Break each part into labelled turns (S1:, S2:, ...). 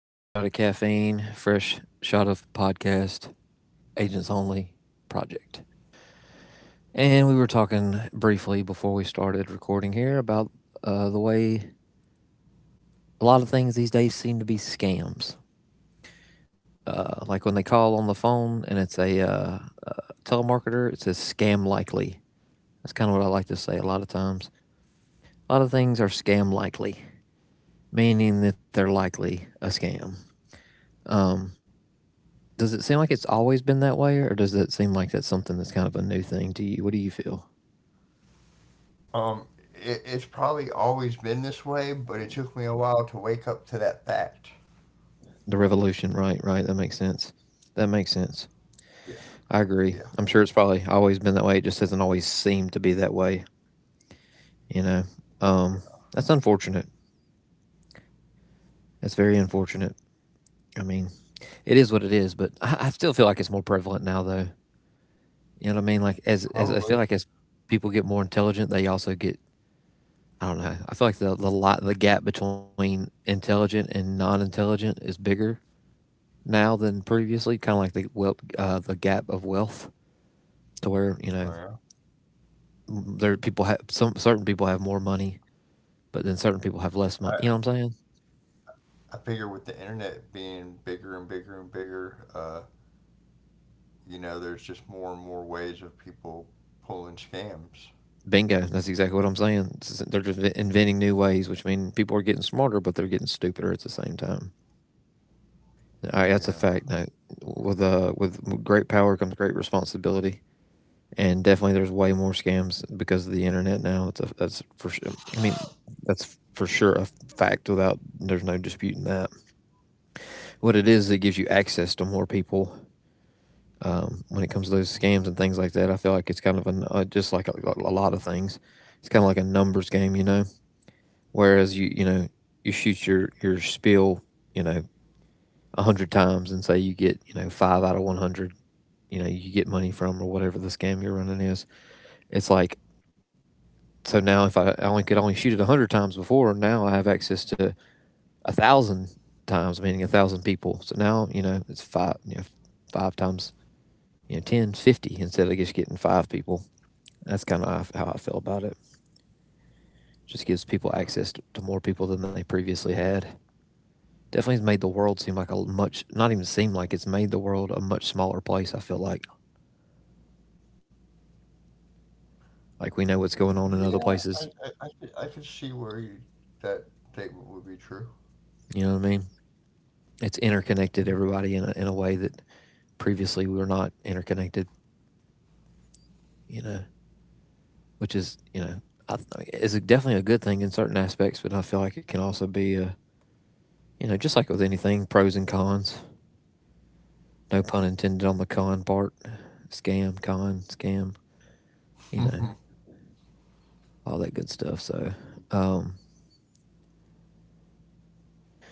S1: Fresh shot of caffeine, fresh shot of podcast, agents only project. And we were talking briefly before we started recording here about the way a lot of things these days seem to be scams. Like when they call on the phone and it's a uh, telemarketer, it says scam likely. That's kind of what I like to say a lot of times. A lot of things are scam likely, meaning that they're likely a scam. Um, Does it seem like it's always been that way, or does it seem like that's something that's kind of a new thing to you? What do you feel?
S2: Um, it's probably always been this way, but it took me a while to wake up to that fact.
S1: The revolution, right? Right. That makes sense. That makes sense.
S2: Yeah,
S1: I
S2: yeah,
S1: agree. I'm sure it's probably always been that way. It just hasn't always seemed to be that way, you know.
S2: yeah,
S1: Um, that's unfortunate. That's very unfortunate. I mean, it is what it is, but I still feel like it's more prevalent now, though. You know what I mean? Like as I
S2: probably.
S1: feel like as people get more intelligent, they also get I don't know. I feel like the gap between intelligent and non intelligent is bigger now than previously. Kind of like the gap of wealth, to where
S2: Well, yeah.
S1: there are people have some certain people have more money, but then certain people have less
S2: I
S1: money. You know what I'm saying?
S2: I figure with the internet being bigger and bigger and bigger, there's just more and more ways of people pulling scams.
S1: Bingo. That's exactly what I'm saying. It's They're just inventing new ways, which mean people are getting smarter, but they're getting stupider at the same time. All right, that's a
S2: Yeah.
S1: fact. No, with great power comes great responsibility. And definitely there's way more scams because of the internet now. That's for sure. I mean, that's for sure a fact. Without there's no disputing that. What it is, it gives you access to more people. When it comes to those
S2: Hmm.
S1: scams and things like that, I feel like it's kind of just like a lot of things. It's kind of like a numbers game. Whereas you shoot your spiel, you know, 100 times, and say you get five out of 100, you get money from, or whatever the scam you're running is. It's like, so now, if I only could only shoot it 100 times before, now I have access to 1,000 times, meaning 1,000 people. So now, it's five, five times, 10, 50, instead of just getting five people. That's kind of how I feel about it. Just gives people
S2: Yeah.
S1: access to more people than they previously had. Definitely has made the world seem like a much, not even seem like, it's made the world a much smaller place. I feel like we know what's going on in other
S2: Yeah, I,
S1: places.
S2: I, I, could, I could see where that statement would be true.
S1: You know what I mean? It's interconnected everybody in a way that previously we were not interconnected, you know, which is you know, I th- is definitely a good thing in certain aspects, but I feel like it can also be a, just like with anything, pros and cons. No pun intended on the con part. Scam, con, scam. You know, all that good stuff. So, um,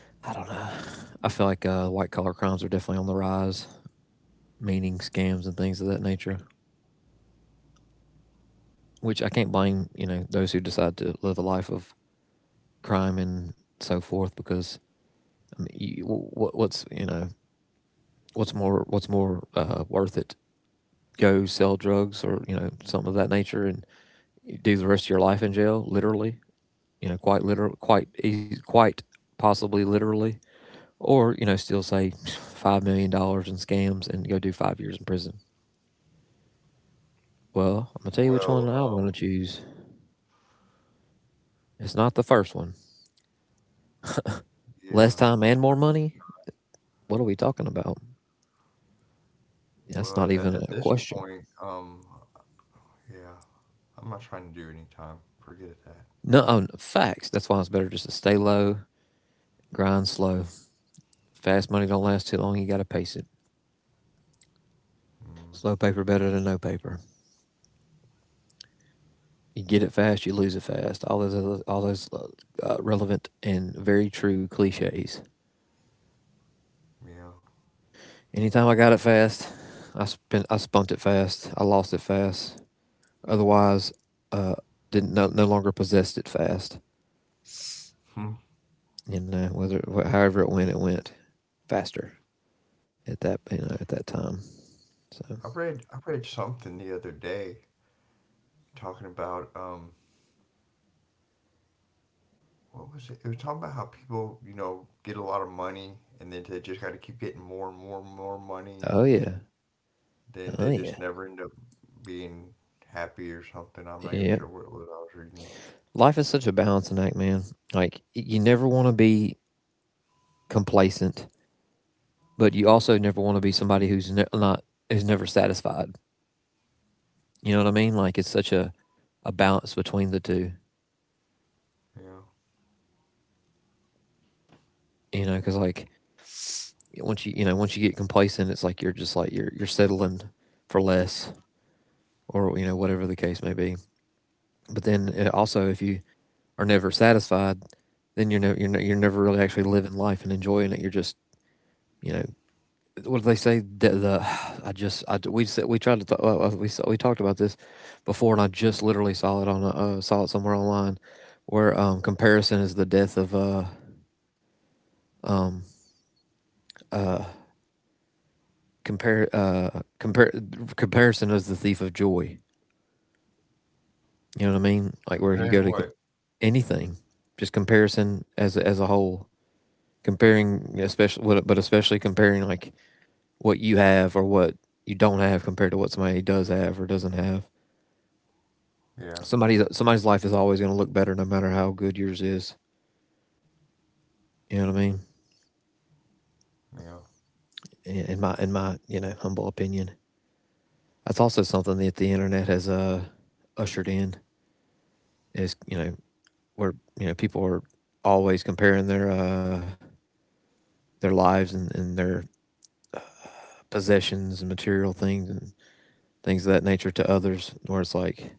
S1: I don't know. I feel like white collar crimes are definitely on the rise, meaning scams and things of that nature. Which I can't blame, you know, those who decide to live a life of crime and so forth, because I mean, what's, what's more worth it? Go sell drugs or something of that nature and do the rest of your life in jail, literally. You know, quite possibly literally, or still say $5 million in scams and go do 5 years in prison. Well, I'm gonna tell you which one I want to
S2: Well,
S1: choose. It's not the first one. Less
S2: yeah,
S1: time and
S2: most
S1: more money. What are we talking about? That's not
S2: Well,
S1: even
S2: at,
S1: a
S2: at this
S1: question.
S2: point, yeah, I'm not trying to do any time. Forget that.
S1: No, oh, facts. That's why it's better just to stay low, grind slow. Fast money don't last too long. You got to pace it.
S2: Mm,
S1: Slow paper better than no paper. You get it fast, you lose it fast. All those relevant and very true cliches.
S2: yeah.
S1: Anytime I got it fast, I spunked it fast. I lost it fast. Otherwise, uh, didn't no, no longer possessed it fast.
S2: Hmm.
S1: You know, whether however it went faster at that you know at that time. So,
S2: I read something the other day talking about what was it? It was talking about how people get a lot of money, and then they just got to keep getting more and more and more money,
S1: oh yeah,
S2: and then
S1: oh
S2: they
S1: yeah,
S2: just never end up being happy or something. I'm not even
S1: yeah.
S2: sure what it was I was reading.
S1: Life is such a balancing act, man. Like, you never want to be complacent, but you also never want to be somebody not who's never satisfied. You know what I mean? Like, it's such a balance between the two.
S2: Yeah.
S1: You know, because like, once you get complacent, it's like you're just, like you're settling for less, or whatever the case may be. But then, also, if you are never satisfied, then you're never really actually living life and enjoying it. You're just you know what do they say? The I we tried we talked about this before, and I just literally saw it somewhere online, where comparison is the death of um uh compare compare comparison is the thief of joy. You know what I mean? Like, where
S2: Comparing
S1: you go
S2: what?
S1: anything, just comparison as a whole, comparing especially what, but especially comparing, like, what you have or what you don't have compared to what somebody does have or doesn't have.
S2: Yeah.
S1: Somebody's life is always going to look better, no matter how good yours is. You know what I mean?
S2: Yeah.
S1: In my humble opinion, that's also something that the internet has ushered in, is where people are always comparing their lives, and their possessions and material things and things of that nature to others. Where it's like,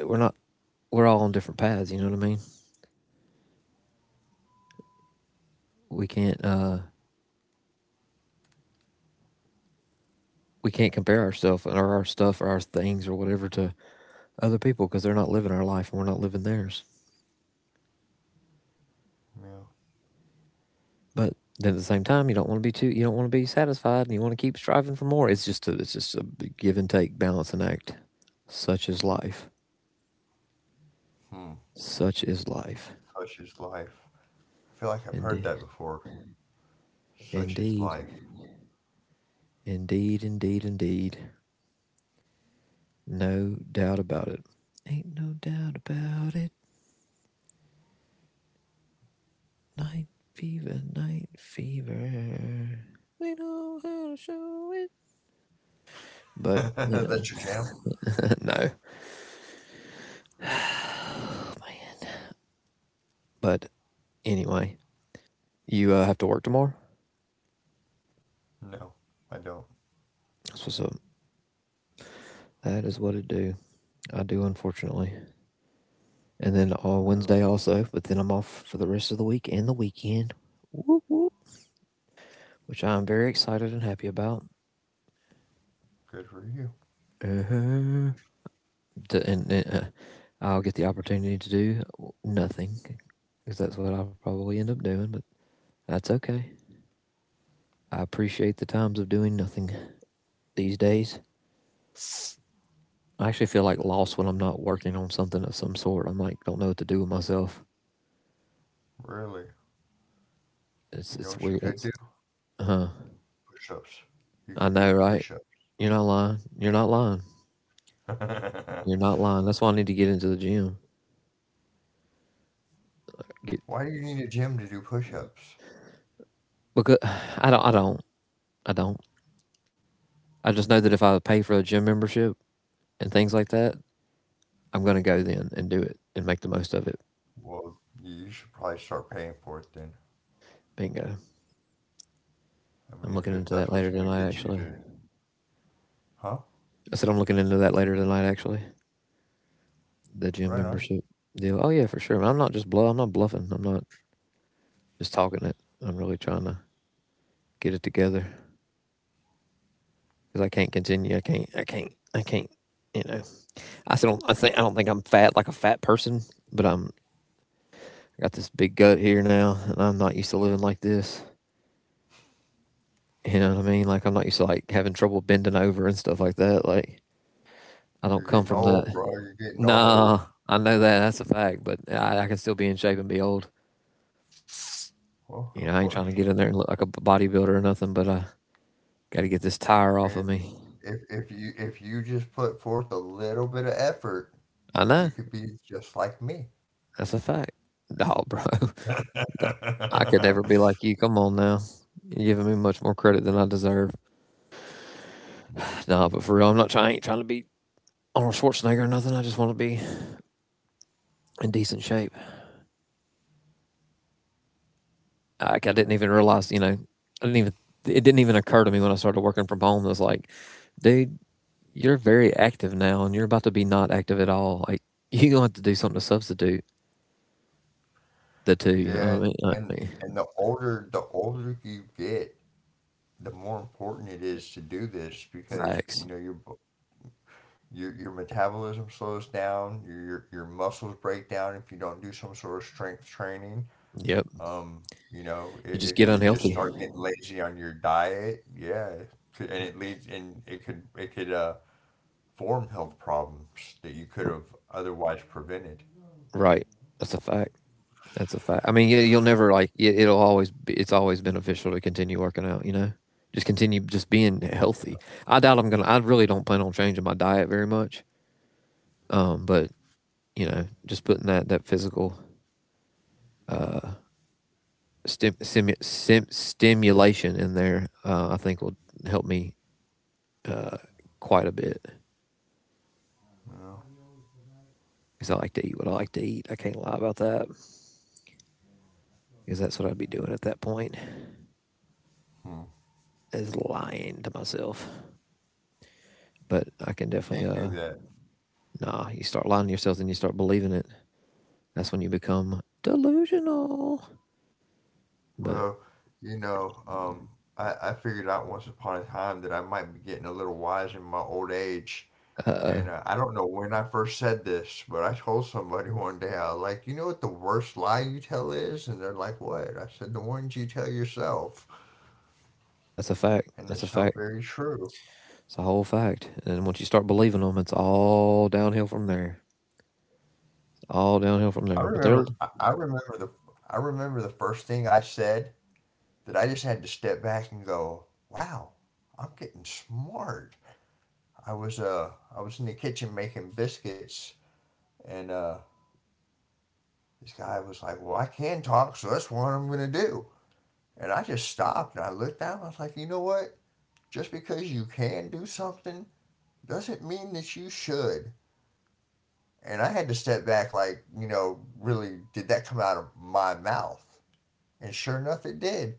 S1: we're not we're all on different paths. You know what I mean? We can't uh, we can't compare ourselves or our stuff or our things or whatever to other people, because they're not living our life and we're not living theirs.
S2: Yeah.
S1: But then at the same time, you don't want to be satisfied, and you want to keep striving for more. It's just a give and take, balance and act. Such is life.
S2: Hmm.
S1: Such is life.
S2: Such is life. I feel like I've heard
S1: Indeed.
S2: that before. Such is
S1: Indeed.
S2: life.
S1: Indeed, indeed, indeed. No doubt about it. Ain't no doubt about it. Night fever, night fever. We know how to show it. But,
S2: That's your jam?
S1: no. But anyway, you have to work tomorrow?
S2: No, I don't.
S1: That's what's up. That is what it do. I do, unfortunately. And then Wednesday also, but then I'm off for the rest of the week and the weekend. Whoop, whoop. Which I am very excited and happy about.
S2: Good for you.
S1: Uh-huh. To, and I'll get the opportunity to do nothing, because that's what I'll probably end up doing, but that's okay. I appreciate the times of doing nothing these days. I actually feel like lost when I'm not working on something of some sort. I'm like, don't know what to do with myself.
S2: Really.
S1: It's
S2: You know
S1: it's
S2: what you
S1: weird.
S2: could do?
S1: Huh.
S2: Push ups. You
S1: I
S2: could do
S1: know, right?
S2: push ups.
S1: You're not lying. You're not lying. You're not lying. That's why I need to get into the gym. Get
S2: Why do you need a gym to do push ups?
S1: because I don't. I don't. I don't. I just know that if I pay for a gym membership and things like that, I'm gonna go then and do it and make the most of it.
S2: Well, you should probably start paying for it then.
S1: Bingo.
S2: I
S1: I'm
S2: mean, if,
S1: looking
S2: if
S1: into
S2: that's
S1: that
S2: what's
S1: later
S2: going to
S1: tonight.
S2: get you
S1: Actually,
S2: to. Huh?
S1: I said I'm looking into that later tonight. Actually, the gym
S2: Right on.
S1: membership deal. Oh yeah, for sure. I'm not just bluff. I'm not bluffing. I'm not just talking it. I'm really trying to get it together, because I can't continue. I can't. I can't. I can't. You know, I still don't. I don't think I'm fat like a fat person, but I got this big gut here now, and I'm not used to living like this. You know what I mean? Like, I'm not used to like having trouble bending over and stuff like that. Like, I don't
S2: You're
S1: come
S2: getting
S1: from
S2: old,
S1: that.
S2: bro. You're getting old.
S1: Nah, I know that that's a fact, but I can still be in shape and be old.
S2: Well,
S1: You know,
S2: of
S1: I ain't trying
S2: course.
S1: to get in there and look like a bodybuilder or nothing, but I got to get this
S2: I
S1: tire off
S2: mean,
S1: of me.
S2: if you just put forth a little bit of effort,
S1: I know
S2: you could be just like me.
S1: that's a fact. Dog, bro, I could never be like you. Come on now, you're giving me much more credit than I deserve.
S2: Mm,
S1: Nah, but for real, I'm not trying. I ain't trying to be Arnold Schwarzenegger or nothing. I just want to be in decent shape. Like I didn't even
S2: yeah.
S1: realize, I didn't even. It didn't even occur to me when I started working from home. It was like, dude, you're very active now, and you're about to be not active at all. Like you gonna have to do something to substitute the two. You know
S2: Yeah,
S1: what I mean?
S2: and
S1: Like
S2: and the older you get, the more important it is to do this because
S1: facts.
S2: your your metabolism slows down, your muscles break down if you don't do some sort of strength training.
S1: Yep.
S2: Um,
S1: You
S2: if,
S1: just
S2: if
S1: get
S2: you just
S1: unhealthy.
S2: start getting lazy on your diet, yeah, and it leads and it could form health problems that you could have otherwise prevented.
S1: Right. That's a fact. That's a fact. I mean, you'll never like it'll always it's always beneficial to continue working out, you know? Just continue just being healthy. I doubt I'm going to I really don't plan on changing my diet very much. But, you know, just putting that physical uh stimulation in there, I think will help me uh quite a bit.
S2: Well,
S1: Cuz I like to eat what I like to eat. I can't lie about that. Cuz that's what I'd be doing at that point
S2: hmm,
S1: is lying to myself. But I can
S2: we
S1: definitely
S2: can't do that.
S1: Nah, you start lying to yourself and you start believing it. That's when you become delusional. But
S2: Well, you know, um, I figured out once upon a time that I might be getting a little wise in my old age.
S1: uh
S2: And
S1: oh,
S2: I don't know when I first said this, but I told somebody one day, I was like, you know what the worst lie you tell is? And they're like, what? I said, the ones you tell yourself.
S1: that's a fact.
S2: And
S1: That's
S2: it's
S1: a
S2: so
S1: fact.
S2: very true.
S1: It's a whole fact. And then once you start believing them, it's all downhill from there. All downhill from
S2: I
S1: there.
S2: remember, I, I remember the, I remember the first thing I said that I just had to step back and go, wow, I'm getting smart. I was uh I was in the kitchen making biscuits, and this guy was like, "Well, I can talk, so that's what I'm gonna do." And I just stopped and I looked at him, I was like, you know what? Just because you can do something doesn't mean that you should. And I had to step back like, really did that come out of my mouth? And sure enough it did.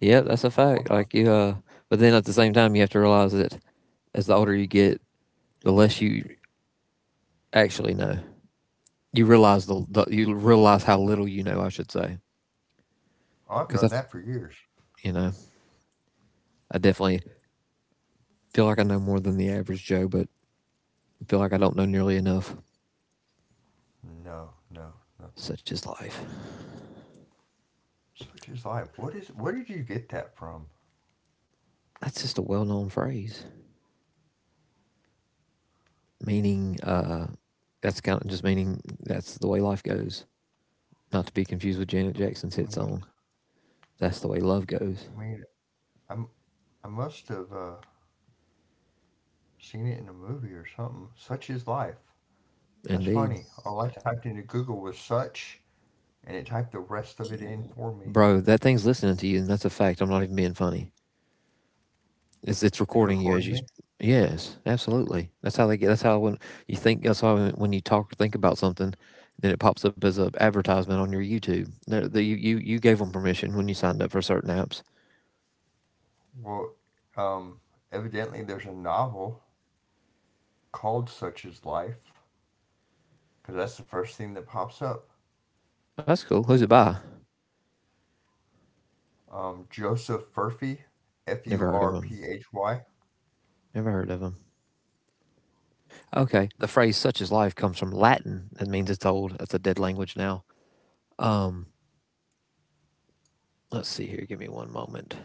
S1: Yeah, that's
S2: It's
S1: a
S2: like,
S1: fact.
S2: wow.
S1: But then at the same time, you have to realize that as the older you get, the less you actually know. You realize the you realize how little you know, I should say,
S2: Oh, I've
S1: because
S2: known that for years.
S1: you know, I definitely feel like I know more than the average Joe, but I feel like I don't know nearly enough.
S2: No, no, nothing.
S1: Such is life.
S2: Such is life. What is? Where did you get that from?
S1: That's just a well known phrase, meaning, uh, that's kind of just meaning that's the way life goes. Not to be confused with Janet Jackson's hit
S2: I
S1: song,
S2: mean,
S1: That's the Way Love Goes.
S2: I mean, I'm I must have seen it in a movie or something. Such is life. That's
S1: Indeed.
S2: funny. All I typed into Google was such, and it typed the rest of it in for me.
S1: Bro, that thing's listening to you, and that's a fact. I'm not even being funny. It's
S2: It's
S1: recording you
S2: recording
S1: as you.
S2: me.
S1: Yes, absolutely. That's how they get. That's how when you talk or think about something, then it pops up as an advertisement on your YouTube. They The, you gave them permission when you signed up for certain apps.
S2: Well, um, evidently there's a novel called "Such is Life," because that's the first thing that pops up.
S1: That's cool. Who's it by?
S2: Joseph Furphy, F
S1: Never
S2: U
S1: heard of
S2: R
S1: them.
S2: P H Y.
S1: Never heard of them. Okay. The phrase such is life comes from Latin. That means it's old. It's a dead language now. Um, let's see here. Give me one moment.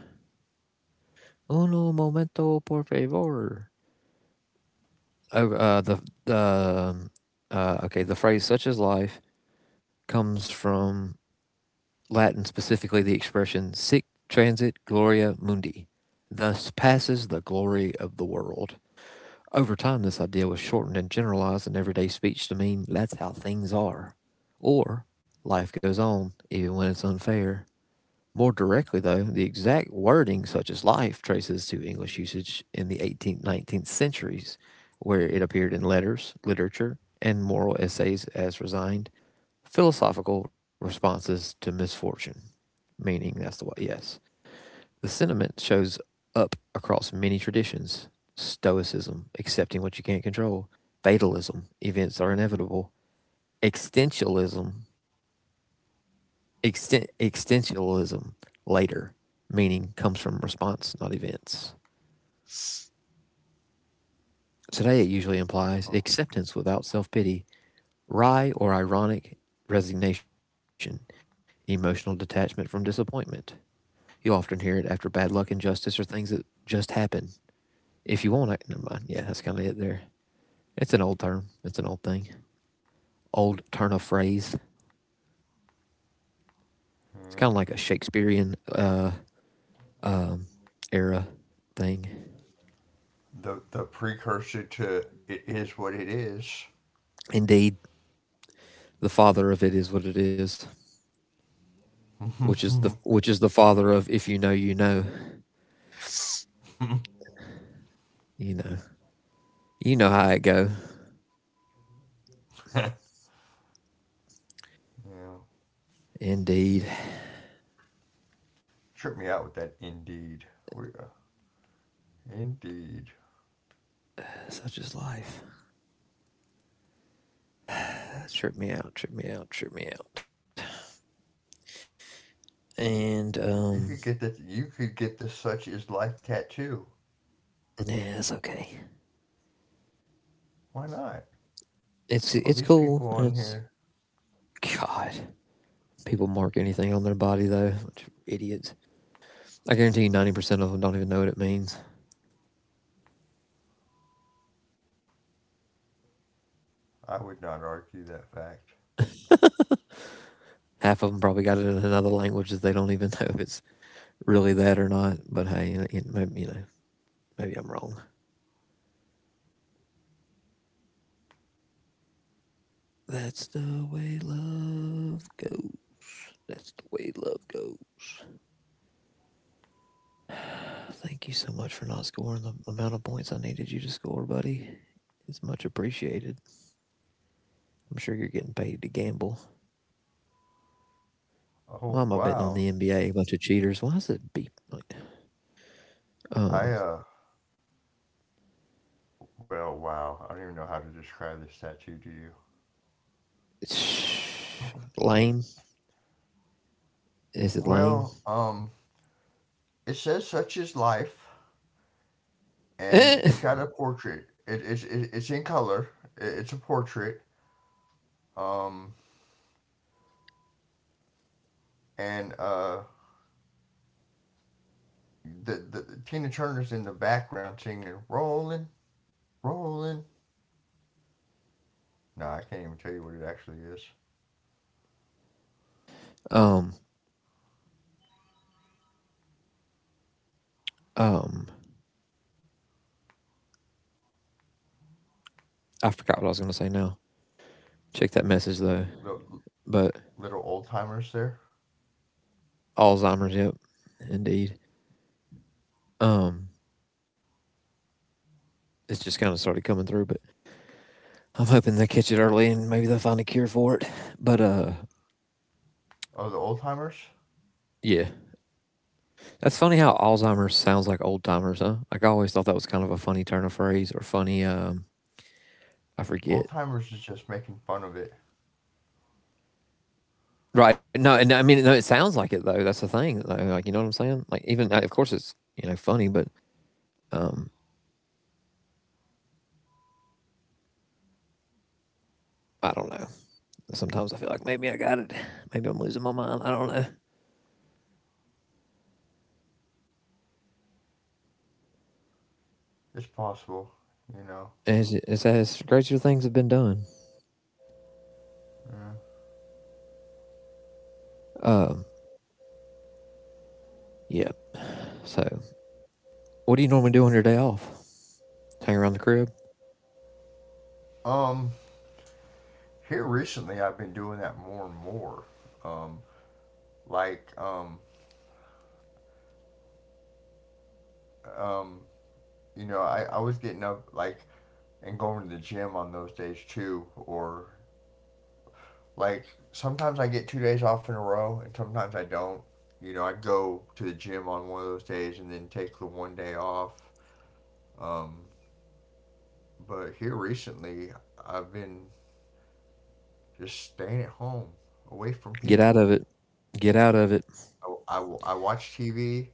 S1: Uno momento, por favor. Oh, the, okay. The phrase such is life comes from Latin, specifically the expression sic transit gloria mundi. Thus passes the glory of the world. Over time, this idea was shortened and generalized in everyday speech to mean that's how things are, or life goes on, even when it's unfair. More directly, though, the exact wording, such as life, traces to English usage in the 18th, 19th centuries, where it appeared in letters, literature, and moral essays as resigned philosophical responses to misfortune. Meaning, that's the way, yes. The sentiment shows up across many traditions: Stoicism, accepting what you can't control; fatalism, events are inevitable; existentialism, existentialism, later, meaning comes from response, not events. Today, it usually implies
S2: Huh.
S1: acceptance without self pity, wry or ironic resignation, emotional detachment from disappointment. You often hear it after bad luck, injustice, or things that just happen. If you want, I, never mind. Yeah, that's kind of it there. It's an old term. It's an old thing. Old turn of phrase. It's kind of like a Shakespearean um, era thing.
S2: The precursor to "It Is What It Is."
S1: Indeed, the father of it is what it is, which is the father of if you know, you know, you know, you know how it go.
S2: Yeah,
S1: Indeed,
S2: tripped me out with that. Indeed, we indeed.
S1: such is life. That tripped me out. Tripped me out. Tripped me out. And
S2: You could get that. You could get the "Such Is Life" tattoo.
S1: yeah, it's okay.
S2: Why not? All
S1: It's
S2: these
S1: cool.
S2: people on
S1: It's
S2: here.
S1: God. People mark anything on their body though. Idiots. I guarantee you 90% of them don't even know what it means.
S2: I would not argue that fact.
S1: Half of them probably got it in another language that they don't even know if it's really that or not. But hey, you know, maybe I'm wrong. That's the way love goes. That's the way love goes. Thank you so much for not scoring the amount of points I needed you to score, buddy. It's much appreciated. I'm sure you're getting paid to gamble. Why
S2: Oh,
S1: am I betting on
S2: wow.
S1: the NBA? A bunch of cheaters. Why is it beep?
S2: I
S1: Um,
S2: uh. Well, wow. I don't even know how to describe this tattoo to you.
S1: it's lame. Is it lame?
S2: Well um. It says "Such Is Life," and
S1: Eh.
S2: it's got a portrait. It's in color. It's a portrait. Um and. The Tina Turner's in the background singing "Rolling, Rolling." No, I can't even tell you what it actually is.
S1: Um, um, I forgot what I was going to say now. Check that message though.
S2: Look,
S1: But
S2: little old timers there.
S1: Alzheimer's, yep, indeed. Um, it's just kind of started coming through, but I'm hoping they catch it early and maybe they'll find a cure for it. But
S2: Oh, the old timers?
S1: Yeah, that's funny how Alzheimer's sounds like old timers, huh? Like I always thought that was kind of a funny turn of phrase or funny. I
S2: Old
S1: forget.
S2: timers is just making fun of it.
S1: Right? No, and I mean, no, it sounds like it though. That's the thing. Though. Like you know what I'm saying? Like even of course it's you know funny, but um, I don't know. Sometimes I feel like maybe I got it. Maybe I'm losing my mind. I don't know.
S2: It's possible, you know.
S1: It's as crazier things have been done.
S2: Yeah.
S1: Um, yeah. So, what do you normally do on your day off? Hang around the crib?
S2: Um, here recently I've been doing that more and more. Um, like, um, I was getting up like and going to the gym on those days too, or like sometimes I get 2 days off in a row and sometimes I don't. You know, I go to the gym on one of those days and then take the one day off. Um, but here recently I've been just staying at home, away from
S1: Get out
S2: people.
S1: of it. Get out of it.
S2: I watch TV.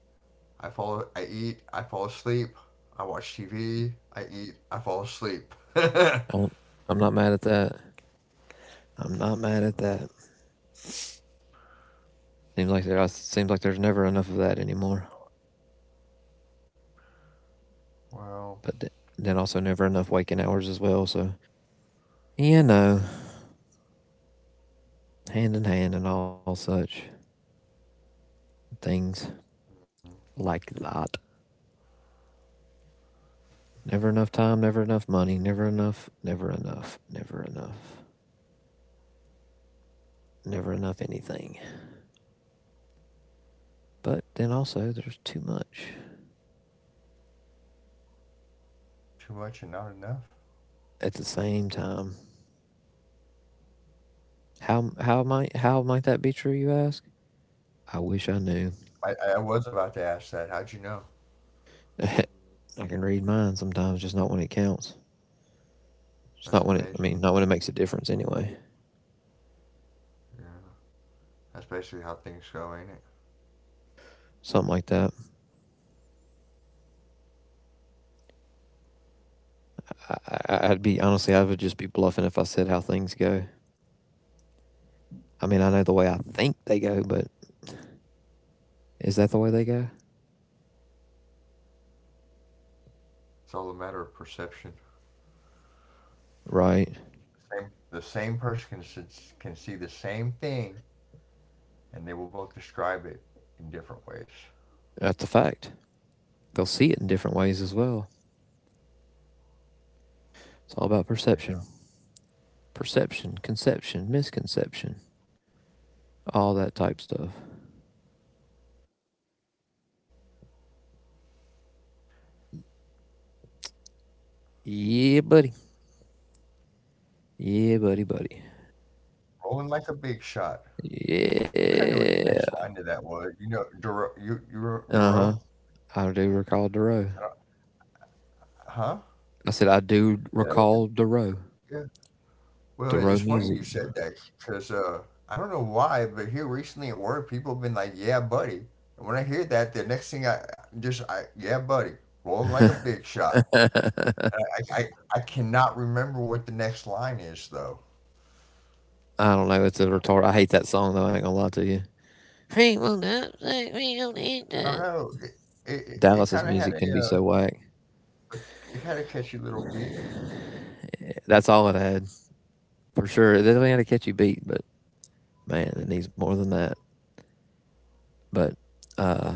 S2: I fall. I eat. I fall asleep. I watch TV. I eat. I fall asleep. Well,
S1: I'm, I'm not mad at that. I'm not mad at that. Seems like there's never enough of that anymore. But th- then also never enough waking hours as well. So you know, hand in hand and all such things
S2: mm,
S1: like that. Never enough time, never enough money, never enough anything. But then also there's too much
S2: too much and not enough.
S1: at the same time. How might that be true, you ask? I wish I knew.
S2: I was about to ask that. How'd you know?
S1: I can read mine sometimes, just not when it counts. Just
S2: That's
S1: not when it I
S2: amazing.
S1: mean, Not when it makes a difference anyway.
S2: Yeah, that's basically how things go, ain't it?
S1: Something like that. I, I'd be honestly I would just be bluffing if I said how things go. I mean I know the way I think they go, but is that the way they go?
S2: It's all a matter of perception.
S1: Right.
S2: The same person can, can see the same thing, and they will both describe it in different ways.
S1: That's a fact. They'll see it in different ways as well. It's all about
S2: Yeah,
S1: perception, perception, conception, misconception, all that type stuff. Yeah, buddy. Yeah, buddy.
S2: rolling like a big shot. I wish I knew what the next line to
S1: Yeah.
S2: that was. You know, Duro, you wrote Duro.
S1: Uh huh. I do recall
S2: I
S1: Duro.
S2: don't. Huh?
S1: I said I do
S2: Yeah, that was it.
S1: recall Duro.
S2: Yeah. Well,
S1: Duro
S2: it's funny
S1: music.
S2: you said that because I don't know why, but here recently at work, people have been like, "Yeah, buddy." And when I hear that, the next thing "Yeah, buddy," rolling like a big shot.
S1: I
S2: And I, I, I cannot remember what the next line is though.
S1: don't know. It's a
S2: But
S1: retard. I hate that song though. I ain't gonna lie to you. People don't say we don't need
S2: I don't
S1: that.
S2: know. It, it
S1: Dallas's
S2: kind of had
S1: music
S2: a,
S1: can be
S2: uh,
S1: so whack.
S2: it had a catchy little beat.
S1: That's all it had for sure. It definitely had a catchy beat, but man, it needs more than that. But uh,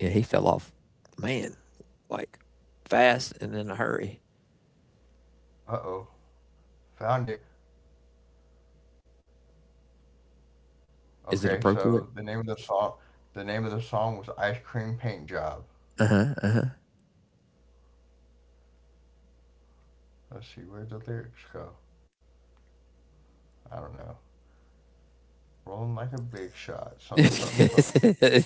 S1: yeah, he fell off, man, like fast and in a hurry.
S2: Uh oh, found it.
S1: Is it
S2: Okay,
S1: appropriate?
S2: so the name of the song was "Ice Cream Paint Job."
S1: Uh huh. Uh
S2: Let's see, where'd the lyrics go? I don't know. Rolling like a big shot, something, something,
S1: huh.
S2: something.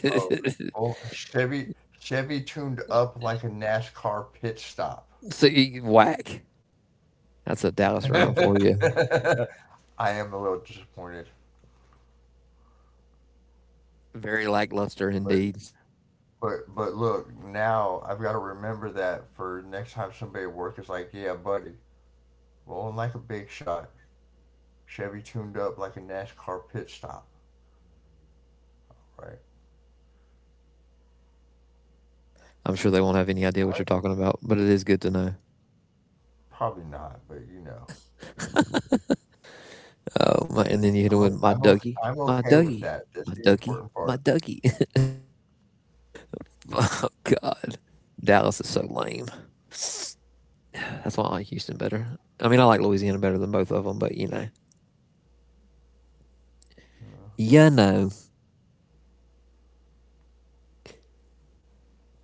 S2: Oh, roll, Chevy, Chevy tuned up like a NASCAR pit stop.
S1: So you whack. That's a Dallas rhyme for you.
S2: I am a little disappointed,
S1: Very lackluster
S2: but
S1: indeed.
S2: but look, now I've got to remember that for next time somebody at work is like, "Yeah, buddy, rolling like a big shot, Chevy tuned up like a NASCAR pit stop." Right?
S1: I'm sure they won't have any idea what you're
S2: What?
S1: talking about, but it is good to know.
S2: Probably not, but you know,
S1: Oh, my, and then you hit it with my Dougie,
S2: I'm
S1: my
S2: okay with
S1: Dougie,
S2: that.
S1: my
S2: That's the
S1: Dougie,
S2: important
S1: my
S2: part.
S1: Dougie. Oh God, Dallas is so lame. That's why I like Houston better. I mean, I like Louisiana better than both of them, but you know, yeah, no.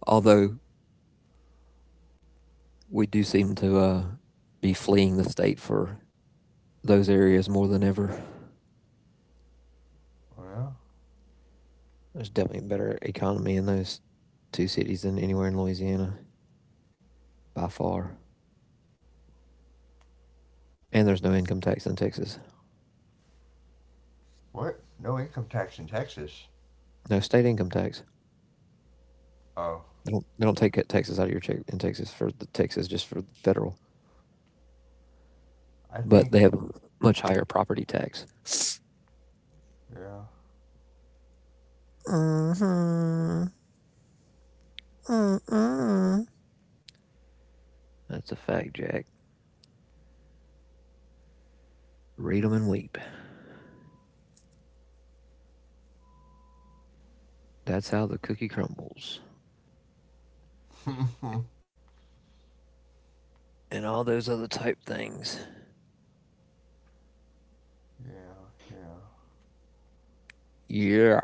S1: Although we do seem to be fleeing the state for those areas more than ever.
S2: Oh, yeah.
S1: There's definitely a better economy in those two cities than anywhere in Louisiana by far. And there's no income tax in Texas.
S2: What? No income tax in Texas?
S1: No state income tax.
S2: Oh,
S1: They don't take taxes out of your check in Texas for the Texas just for federal.
S2: I think.
S1: But they have a much higher property tax.
S2: Yeah.
S1: Mm-hmm. Mm-mm. That's a fact, Jack. Read them and weep. That's how the cookie crumbles.
S2: yeah.
S1: And all those other type things.
S2: Yeah.
S1: Yeah.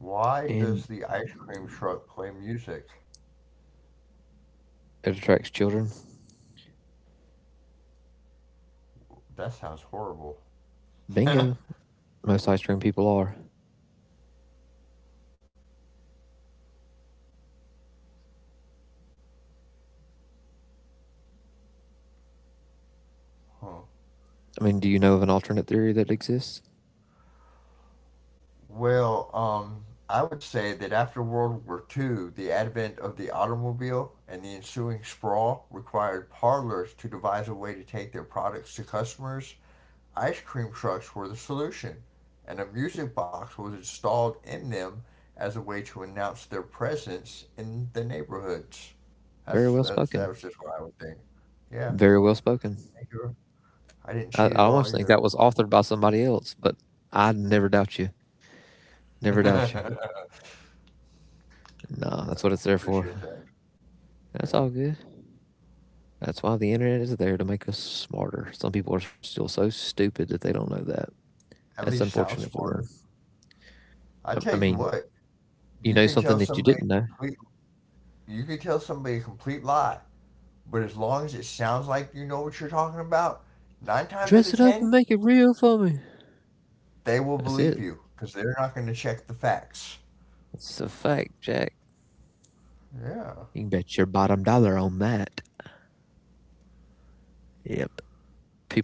S2: Why does
S1: And
S2: the ice cream truck play music?
S1: it attracts children.
S2: That sounds horrible. Huh.
S1: Bingo. Most ice cream people are. I mean, do you know of an alternate theory that exists?
S2: Well, I would say that after World War II, the advent of the automobile and the ensuing sprawl required parlors to devise a way to take their products to customers. Ice cream trucks were the solution, and a music box was installed in them as a way to announce their presence in the neighborhoods.
S1: Very well spoken.
S2: That was just what I would think. Yeah,
S1: Very well spoken.
S2: thank you. I didn't cheat
S1: I
S2: at
S1: almost
S2: all
S1: think
S2: either.
S1: that was authored by somebody else, but I never doubt you. Never doubt you. Nah,
S2: Yeah,
S1: that's what it's
S2: I
S1: there for.
S2: appreciate that.
S1: That's
S2: Yeah.
S1: all good. That's why the internet is there to make us smarter. Some people are still so stupid that they don't know that.
S2: At
S1: That's
S2: least sound
S1: unfortunate for them.
S2: smarter. I
S1: I,
S2: tell
S1: I
S2: you
S1: mean,
S2: what, you
S1: you
S2: can
S1: know
S2: tell
S1: something that you
S2: somebody a
S1: didn't know.
S2: complete you can tell somebody a complete lie, but as long as it sounds like you know what you're talking about, nine times out
S1: Dress
S2: of
S1: it up and
S2: ten,
S1: make it real for me.
S2: they will
S1: That's
S2: believe
S1: it.
S2: you because they're not going to check the facts.
S1: It's a fact, Jack.
S2: Yeah,
S1: You can bet your bottom dollar on that. Yep.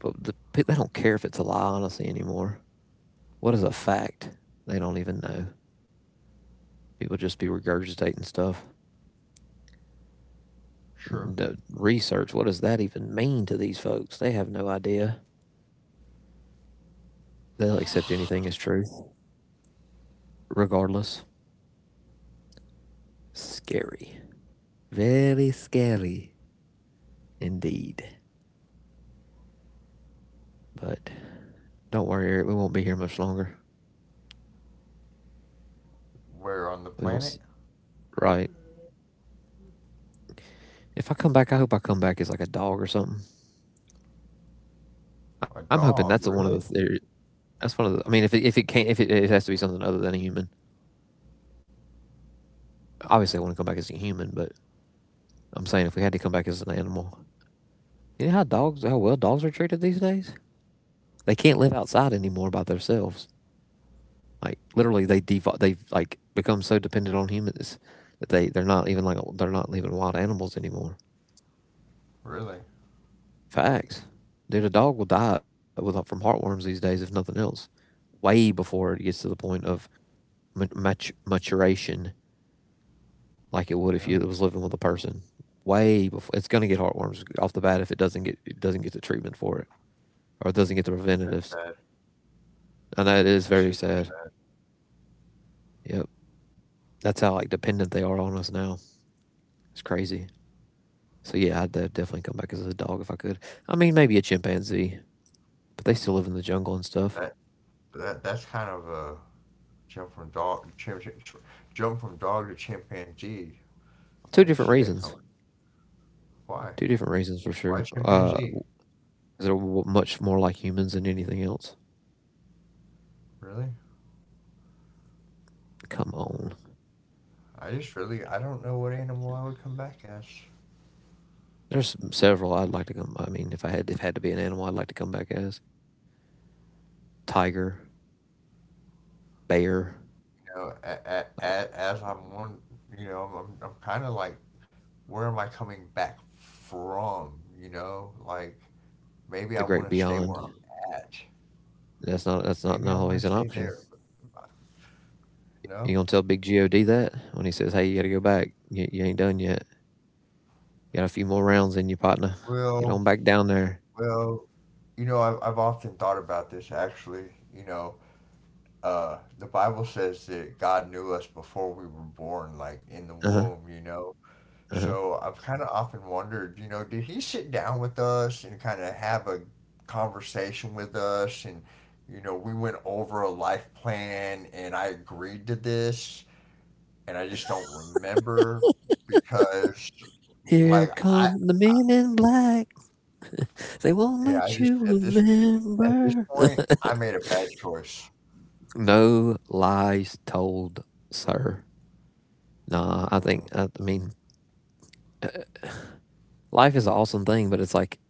S1: They don't care if it's a lie, honestly, anymore. What is a fact? They don't even know. People just be regurgitating stuff.
S2: sure.
S1: The research, what does that even mean to these folks? They have no idea. They'll accept anything as truth, regardless. Scary. Very scary indeed. But don't worry, Eric. We won't be here much longer.
S2: Where on the
S1: We will.
S2: planet?
S1: s- Right. If I come back, I hope I come back as like a dog or something.
S2: A
S1: I'm hoping that's
S2: dog,
S1: one of the
S2: really?
S1: theory. That's one of the. I mean, if it has to be something other than a human. Obviously, I want to come back as a human, but I'm saying if we had to come back as an animal, you know how dogs, how well dogs are treated these days. They can't live outside anymore by themselves. Like literally, they've like become so dependent on humans that they're not even like they're not even wild animals anymore.
S2: Really?
S1: Facts, dude. A dog will die with, from heartworms these days, if nothing else. Way before it gets to the point of maturation like it would
S2: Yeah,
S1: if you it was living with a person. Way before it's going to get heartworms off the bat if it doesn't get the treatment for it or it doesn't get the
S2: that's
S1: preventatives.
S2: sad.
S1: And that is
S2: That's
S1: very
S2: super
S1: sad.
S2: sad.
S1: Yep, that's how like dependent they are on us now. It's crazy. So yeah, I'd definitely come back as a dog if I could. I mean, maybe a chimpanzee, but they still live in the jungle and stuff.
S2: That that's kind of a jump from dog chim, chim- jump from dog to chimpanzee.
S1: Two
S2: I didn't
S1: different
S2: see that coming.
S1: reasons.
S2: Why?
S1: Two different reasons for
S2: Why
S1: sure.
S2: chimpanzee?
S1: 'Cause they're much more like humans than anything else.
S2: Really?
S1: Come on.
S2: I just really I don't know what animal I would come back as.
S1: There's several I'd like to come. I mean, if I had if had to be an animal, I'd like to come back as. Tiger, bear,
S2: You know, a, as I'm one, I'm kind of like where am I coming back from? You know, like maybe
S1: the
S2: I
S1: great
S2: want to stay
S1: beyond.
S2: where I'm at.
S1: That's not
S2: Maybe I want
S1: always
S2: to
S1: an
S2: stay
S1: option.
S2: there.
S1: You
S2: No?
S1: gonna tell Big God that when he says, "Hey, you gotta go back. You ain't done yet. You got a few more rounds in you, partner. Get
S2: Well,
S1: on back down there."
S2: well, I've often thought about this actually. You know, the Bible says that God knew us before we were born, like in the
S1: Uh huh.
S2: womb.
S1: Uh huh.
S2: So I've kind of often wondered, did he sit down with us and kind of have a conversation with us? And, we went over a life plan and I agreed to this. And I just don't remember because,
S1: Here
S2: like,
S1: come the
S2: I
S1: men in black. They won't
S2: yeah, I
S1: let
S2: just,
S1: you
S2: at this
S1: remember.
S2: point, I made a bad choice.
S1: No lies told, sir. Nah, I think
S2: Mm,
S1: I mean life is an awesome thing, but it's like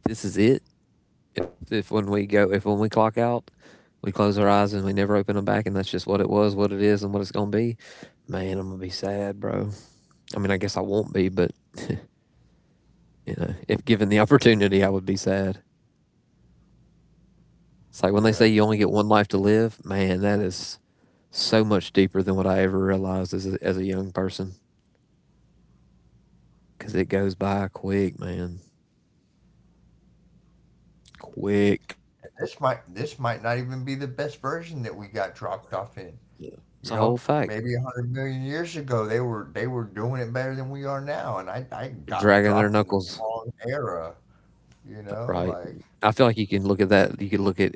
S1: if this is it, if when we clock out, we close our eyes and we never open them back, and that's just what it was, what it is, and what it's gonna be. Man, I'm gonna be sad, bro. I mean, I guess I won't be, but you know, if given the opportunity, I would be sad. It's like when they
S2: yeah.
S1: say you only get one life to live. Man, that is so much deeper than what I ever realized as as a young person, because it goes by quick, man, quick.
S2: And this might not even be the best version that we got dropped off in.
S1: Yeah. It's a
S2: You
S1: whole
S2: know,
S1: fact.
S2: maybe 100 million years ago, they were doing it better than we are now, and I got
S1: Dragging their
S2: dropped in the
S1: knuckles,
S2: wrong era. You know,
S1: right?
S2: like
S1: I feel like you can look at that. You could look at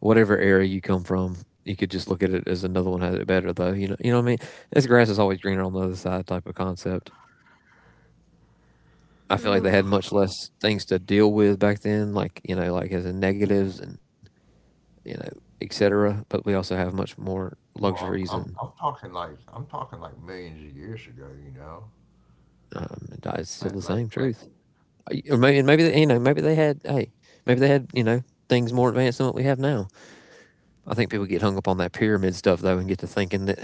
S1: whatever area you come from, you could just look at it as another one has it better though. You know what I mean? This grass is always greener on the other side type of concept. I feel like they had much less things to deal with back then, like you know, like as in negatives and you know, etc. But we also have much more
S2: well,
S1: luxuries,
S2: I'm
S1: and
S2: I'm talking like I'm talking like millions of years ago. You know,
S1: it's still
S2: like
S1: the
S2: like
S1: same
S2: like,
S1: truth. Or maybe, and maybe
S2: like
S1: they, you know,
S2: maybe
S1: maybe they had you know things more advanced than what we have now. I think people get hung up on that pyramid stuff though, and get to thinking that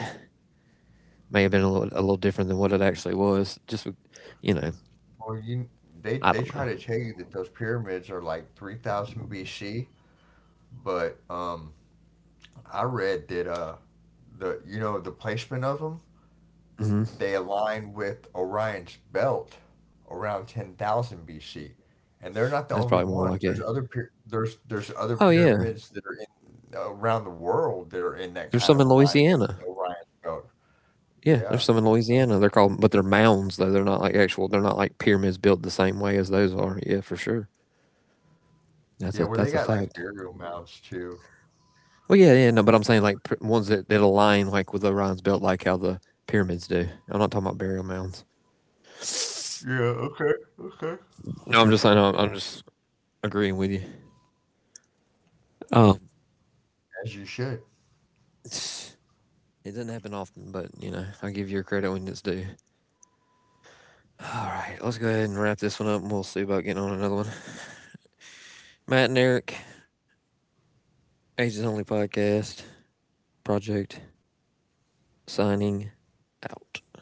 S1: may have been a little different than what it actually was. You know,
S2: before you they
S1: I
S2: they
S1: don't know.
S2: try to tell you that those pyramids are like 3,000 BC, but I read that the you know the placement of them.
S1: Hmm.
S2: They align with Orion's belt around 10,000 BC, and they're not the
S1: That's
S2: only
S1: probably more like
S2: ones.
S1: it.
S2: There's other
S1: Oh yeah,
S2: pyramids that are in around the world that are in that
S1: there's
S2: kind
S1: some
S2: of
S1: in
S2: alignment
S1: Louisiana.
S2: with Orion's belt.
S1: Yeah,
S2: Yeah,
S1: there's some in
S2: you know?
S1: Louisiana. But they're mounds though. They're not like actual. They're not like pyramids built the same way as those are. Yeah, for sure.
S2: Yeah, where they
S1: That's a
S2: got
S1: fact.
S2: like burial mounds too.
S1: Well, yeah, yeah, no, but I'm saying ones that align like with Orion's belt, like how the pyramids do. I'm not talking about burial mounds.
S2: Yeah. Okay. Okay.
S1: No, I'm just saying I'm just agreeing with you. Um,
S2: As you should.
S1: it doesn't happen often, but you know, I give you your credit when it's due. All right, let's go ahead and wrap this one up and we'll see about getting on another one. Matt and Eric, Ages Only Podcast, Project, signing out.